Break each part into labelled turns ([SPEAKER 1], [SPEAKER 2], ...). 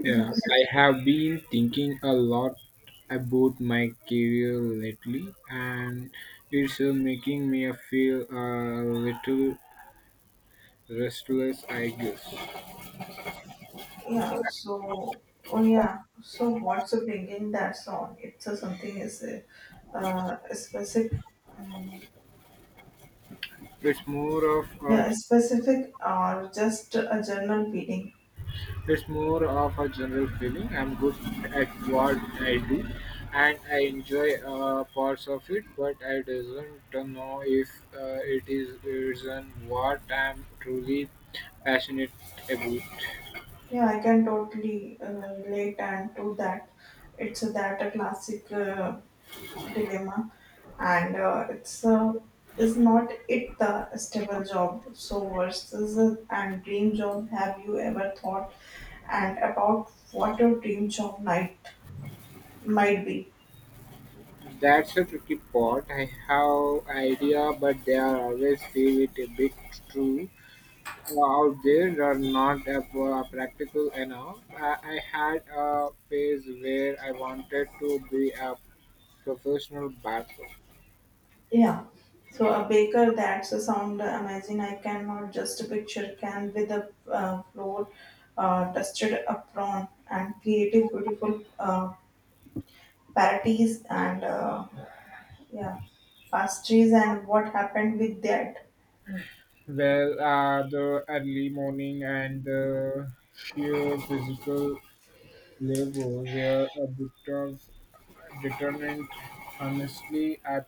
[SPEAKER 1] Yeah,
[SPEAKER 2] Yes.
[SPEAKER 1] I have been thinking a lot about my career lately, and it's making me feel a little restless. I guess
[SPEAKER 2] Yeah. So, what's bringing that song? It's a something is a specific. mm
[SPEAKER 1] it's more of a
[SPEAKER 2] yeah, a specific or just a general feeling.
[SPEAKER 1] it's more of a general feeling. I'm good at what I do, and I enjoy parts of it, but I doesn't know if it is isn't what I'm truly passionate about.
[SPEAKER 2] Yeah, I can totally relate and to that. It's that a classic dilemma, and it's is not it the stable job. So versus and dream job. Have you ever thought and about what your dream job night? Might be.
[SPEAKER 1] That's a tricky part. I have idea, but there are always be with a bit true out there are not practical enough. I had a phase where I wanted to be a professional barber.
[SPEAKER 2] Yeah. So a baker, that's a sound amazing. I cannot just picture can with a floor dusted apron and creative beautiful parodies and yeah pastries, and what happened with that.
[SPEAKER 1] Well, the early morning and the sheer physical labor were a bit of determinant. Honestly, I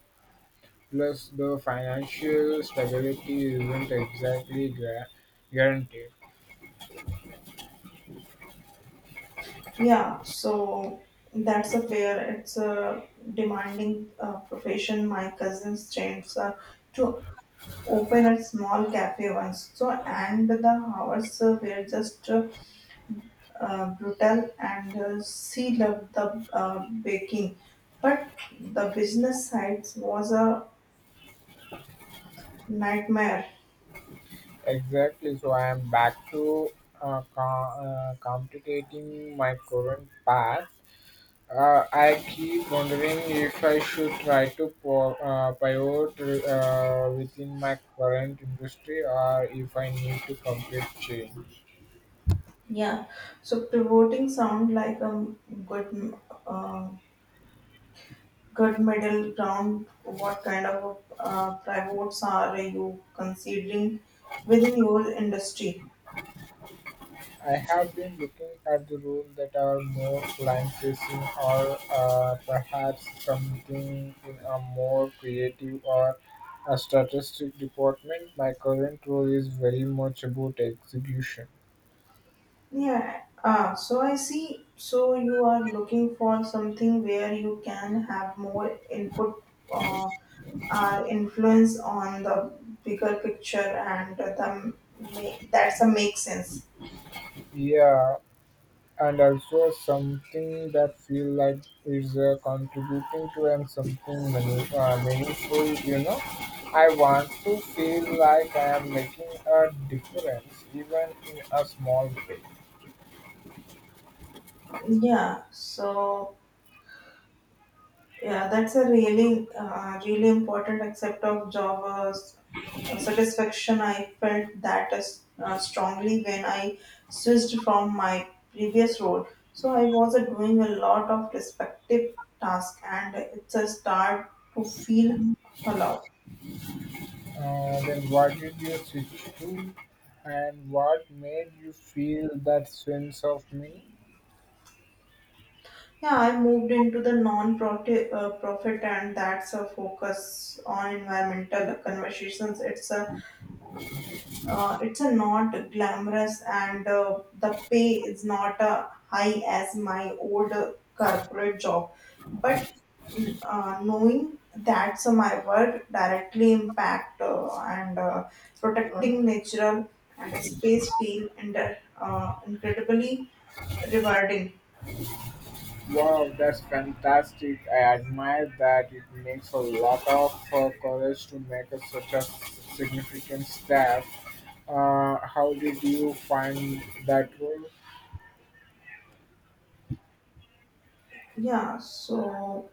[SPEAKER 1] Plus, the financial stability isn't exactly guaranteed.
[SPEAKER 2] Yeah, so that's a fair. It's a demanding profession. My cousin's changed to open a small cafe once. So and the hours were just brutal, and she loved the baking, but the business side was a nightmare.
[SPEAKER 1] Exactly, so I am back to complicating my current path. I keep wondering if I should try to pivot within my current industry or if I need to complete change.
[SPEAKER 2] Yeah, so pivoting sound like a good uh, good middle ground. What kind of pivots are you considering within your industry?
[SPEAKER 1] I have been looking at the roles that are more client facing or perhaps something in a more creative or a strategic department. My current role is very much about execution.
[SPEAKER 2] Yeah, ah, so I see, so you are looking for something where you can have more input, uh, our influence on the bigger picture, and the that's a make sense.
[SPEAKER 1] Yeah, and also something that feel like is contributing to and something meaningful, you know. I want to feel like I am making a difference even in a small way.
[SPEAKER 2] Yeah, so yeah, that's a really really important aspect of job satisfaction. I felt that is, strongly when I switched from my previous role. So I was doing a lot of respective tasks, and it's a start to feel allowed.
[SPEAKER 1] Then what did you switch to and what made you feel that sense of meaning?
[SPEAKER 2] Yeah, I moved into the non-profit profit, and that's a focus on environmental conversations. It's a not glamorous, and the pay is not high as my old corporate job. But knowing that so my work directly impact and protecting natural and space feel and incredibly rewarding.
[SPEAKER 1] Wow, that's fantastic. I admire that. It makes a lot of courage to make a, such a significant step. How did you find that role?
[SPEAKER 2] Yeah, so.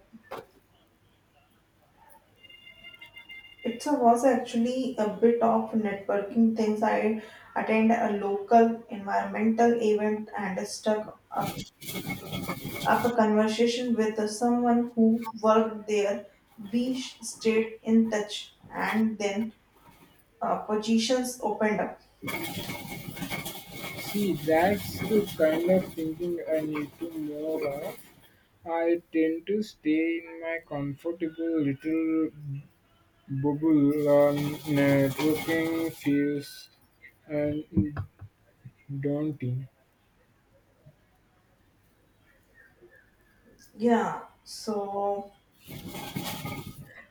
[SPEAKER 2] It was actually a bit of networking things. I attend a local environmental event and up a conversation with someone who worked there. We stayed in touch, and then positions opened up.
[SPEAKER 1] See, that's the kind of thinking I need to more of. I tend to stay in my comfortable little Bubble networking feels and daunting.
[SPEAKER 2] Yeah, so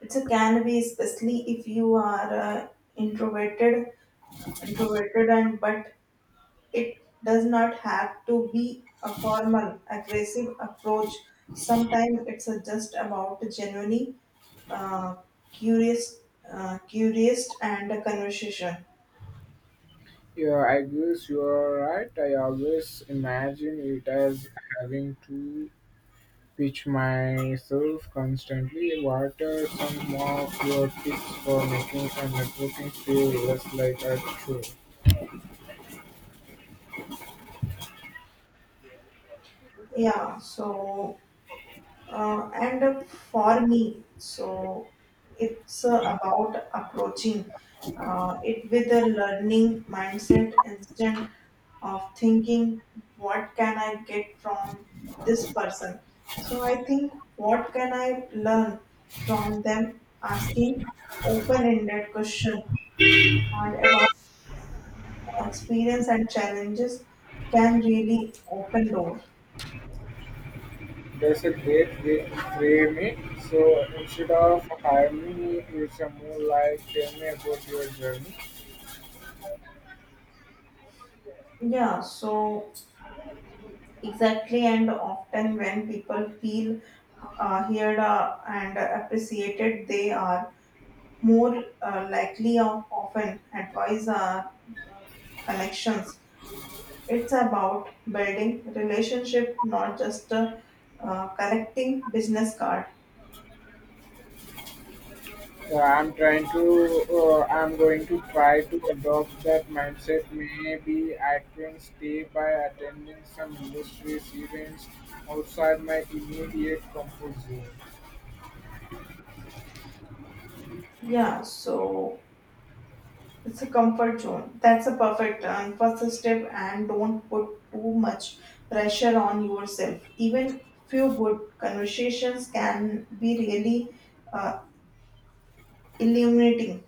[SPEAKER 2] it's a can be, especially if you are introverted, introverted, and but it does not have to be a formal, aggressive approach. Sometimes it's just about genuinely uh, curious, curious and a conversation.
[SPEAKER 1] Yeah, I guess you are right. I always imagine it as having to pitch myself constantly. What are some of your tips for making a networking feel less like a chore?
[SPEAKER 2] Yeah. So and for me, so it's about approaching it with a learning mindset, instead of thinking, what can I get from this person? So I think, what can I learn from them? Asking open ended question and about experience and challenges can really open door.
[SPEAKER 1] That's a great way to frame it. So instead of hiring me, it's a more like tell me about your journey.
[SPEAKER 2] Yeah, so exactly, and often when people feel heard and appreciated, they are more likely of often advise uh, connections. It's about building relationship, not just collecting business card.
[SPEAKER 1] I'm trying to. I'm going to try to adopt that mindset. Maybe I can stay by attending some industry events outside my immediate comfort zone.
[SPEAKER 2] Yeah, so it's a comfort zone. That's a perfect term. First step, and don't put too much pressure on yourself. Even few good conversations can be really uh, illuminating.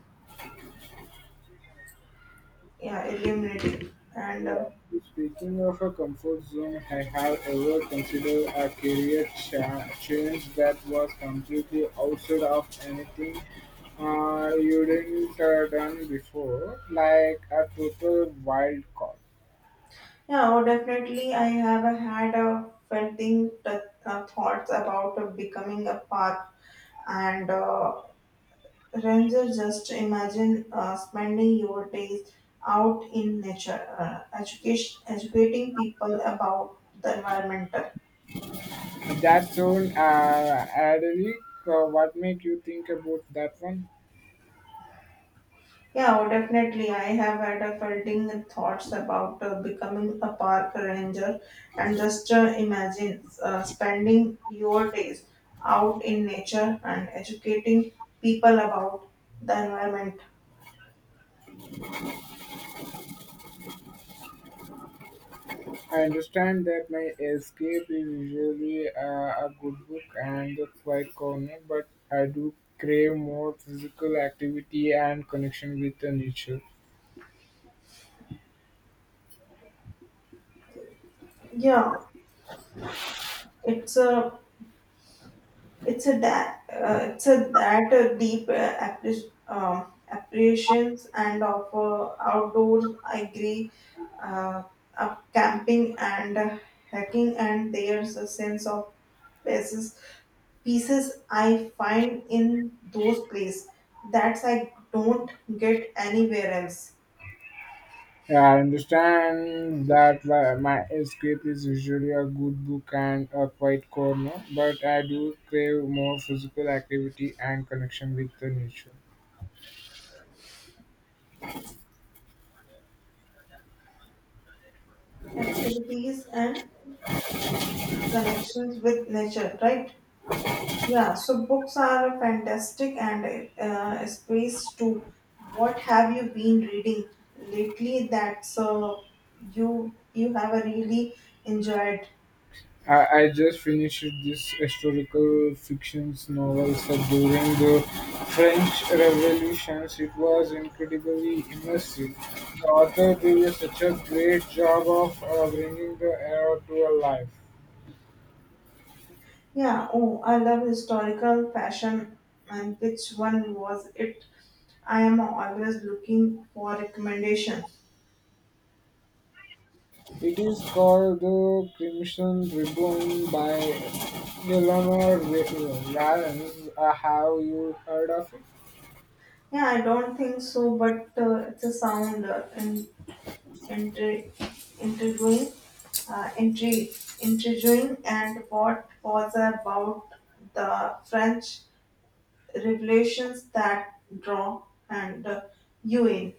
[SPEAKER 2] Yeah, illuminating. And
[SPEAKER 1] Yeah. Speaking of a comfort zone, I have ever considered a career change that was completely outside of anything you didn't done before, like a total wild card.
[SPEAKER 2] yeah, oh, definitely, I have had a fleeting thoughts about becoming a path and Ranger, just imagine spending your days out in nature, uh, educating people about the environmental.
[SPEAKER 1] That zone, Adelic, what made you think about that one?
[SPEAKER 2] Yeah, oh, definitely. I have had a flooding thoughts about becoming a park ranger, and just imagine spending your days out in nature and educating people about the environment.
[SPEAKER 1] I understand that my escape is usually a good book and the quiet corner, but I do crave more physical activity and connection with the nature.
[SPEAKER 2] Yeah, it's a it's a that a deep appreciations and of outdoors. I agree, uh, up camping and hiking, and there's a sense of pieces pieces I find in those places that I don't get anywhere else,
[SPEAKER 1] Yeah, I understand that my escape is usually a good book and a quiet corner, but I do crave more physical activity and connection with the nature.
[SPEAKER 2] activities and connections with nature, right? Yeah, so books are fantastic, and a space to what have you been reading lately that's you have a really enjoyed.
[SPEAKER 1] I just finished this historical fiction novel set during the French Revolution. It was incredibly immersive. The author did such a great job of bringing the era to a life.
[SPEAKER 2] Yeah, oh, I love historical fashion, and which one was it? I am always looking for recommendation.
[SPEAKER 1] It is called The Crimson Ribbon by Eleanor Valance. Have you heard of it?
[SPEAKER 2] Yeah, I don't think so, but it's a sound in- Inter- Interviewing, intri- interviewing, and what was about the French revelations that draw and you in.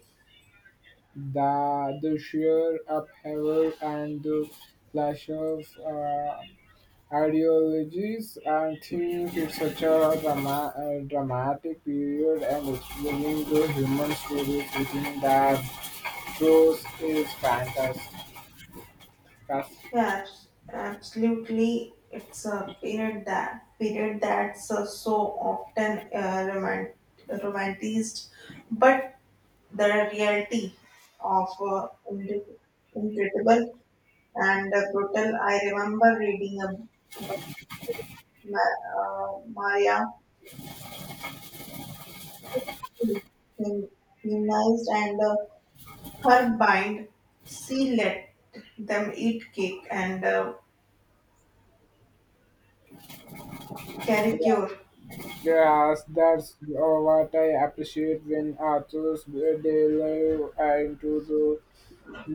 [SPEAKER 1] The sheer upheaval and the clash of Ideologies and themes it's such a dramatic period and explaining the human stories within that shows is fantastic.
[SPEAKER 2] Yeah, absolutely. It's a period that's so often romanticized, but the reality of incredible and brutal. I remember reading about Maria in- immunized and her bind. She let them eat cake and caricature.
[SPEAKER 1] Yes, that's what I appreciate when authors delve into the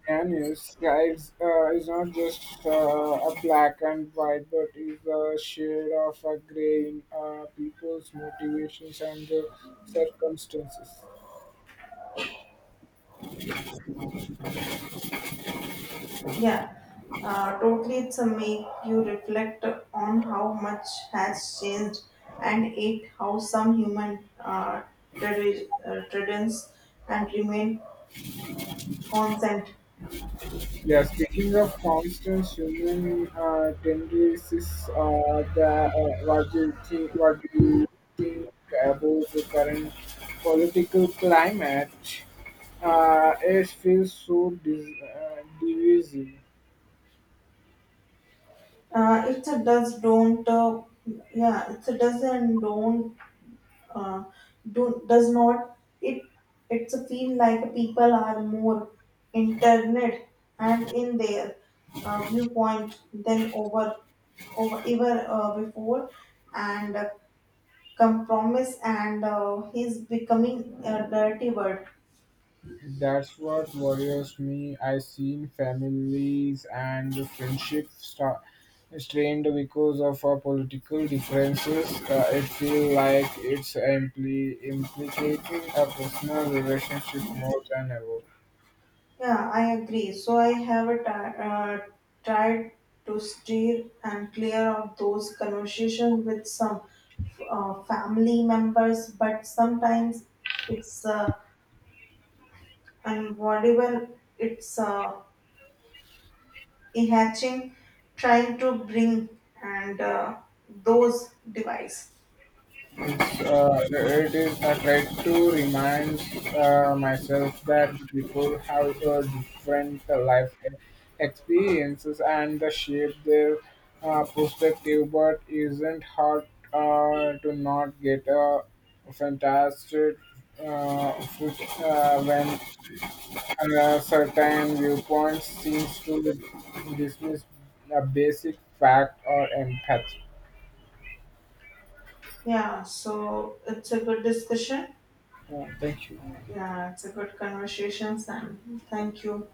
[SPEAKER 1] menus. It's it's not just a black and white, but it's a shade of a gray in people's motivations and the circumstances.
[SPEAKER 2] Yeah, totally. It's a make you reflect on how much has changed and it how some human traditions and remain constant.
[SPEAKER 1] Yeah, speaking of constant human tendencies, do you think, what do you think about the current political climate? It feels so divisive.
[SPEAKER 2] It's a does don't Yeah, it's a does and don't uh, do does not it, it's a feel like people are more internet and in their viewpoint than over ever before, and compromise and he's becoming a dirty word.
[SPEAKER 1] That's what worries me. I seen families and friendships strained because of our political differences. It feels like it's implicating a personal relationship more than ever.
[SPEAKER 2] Yeah, I agree. So I have tried to steer and clear of those conversations with some family members, but sometimes it's unavoidable. It's hatching, trying to bring and those device.
[SPEAKER 1] It is. I try to remind myself that people have different life experiences and the shape their perspective, but isn't hard to not get a fantastic uh, food, when certain viewpoints seems to dismiss a basic fact or empathy.
[SPEAKER 2] Yeah, so it's a good discussion.
[SPEAKER 1] Thank you.
[SPEAKER 2] Yeah, it's a good conversations, and thank you.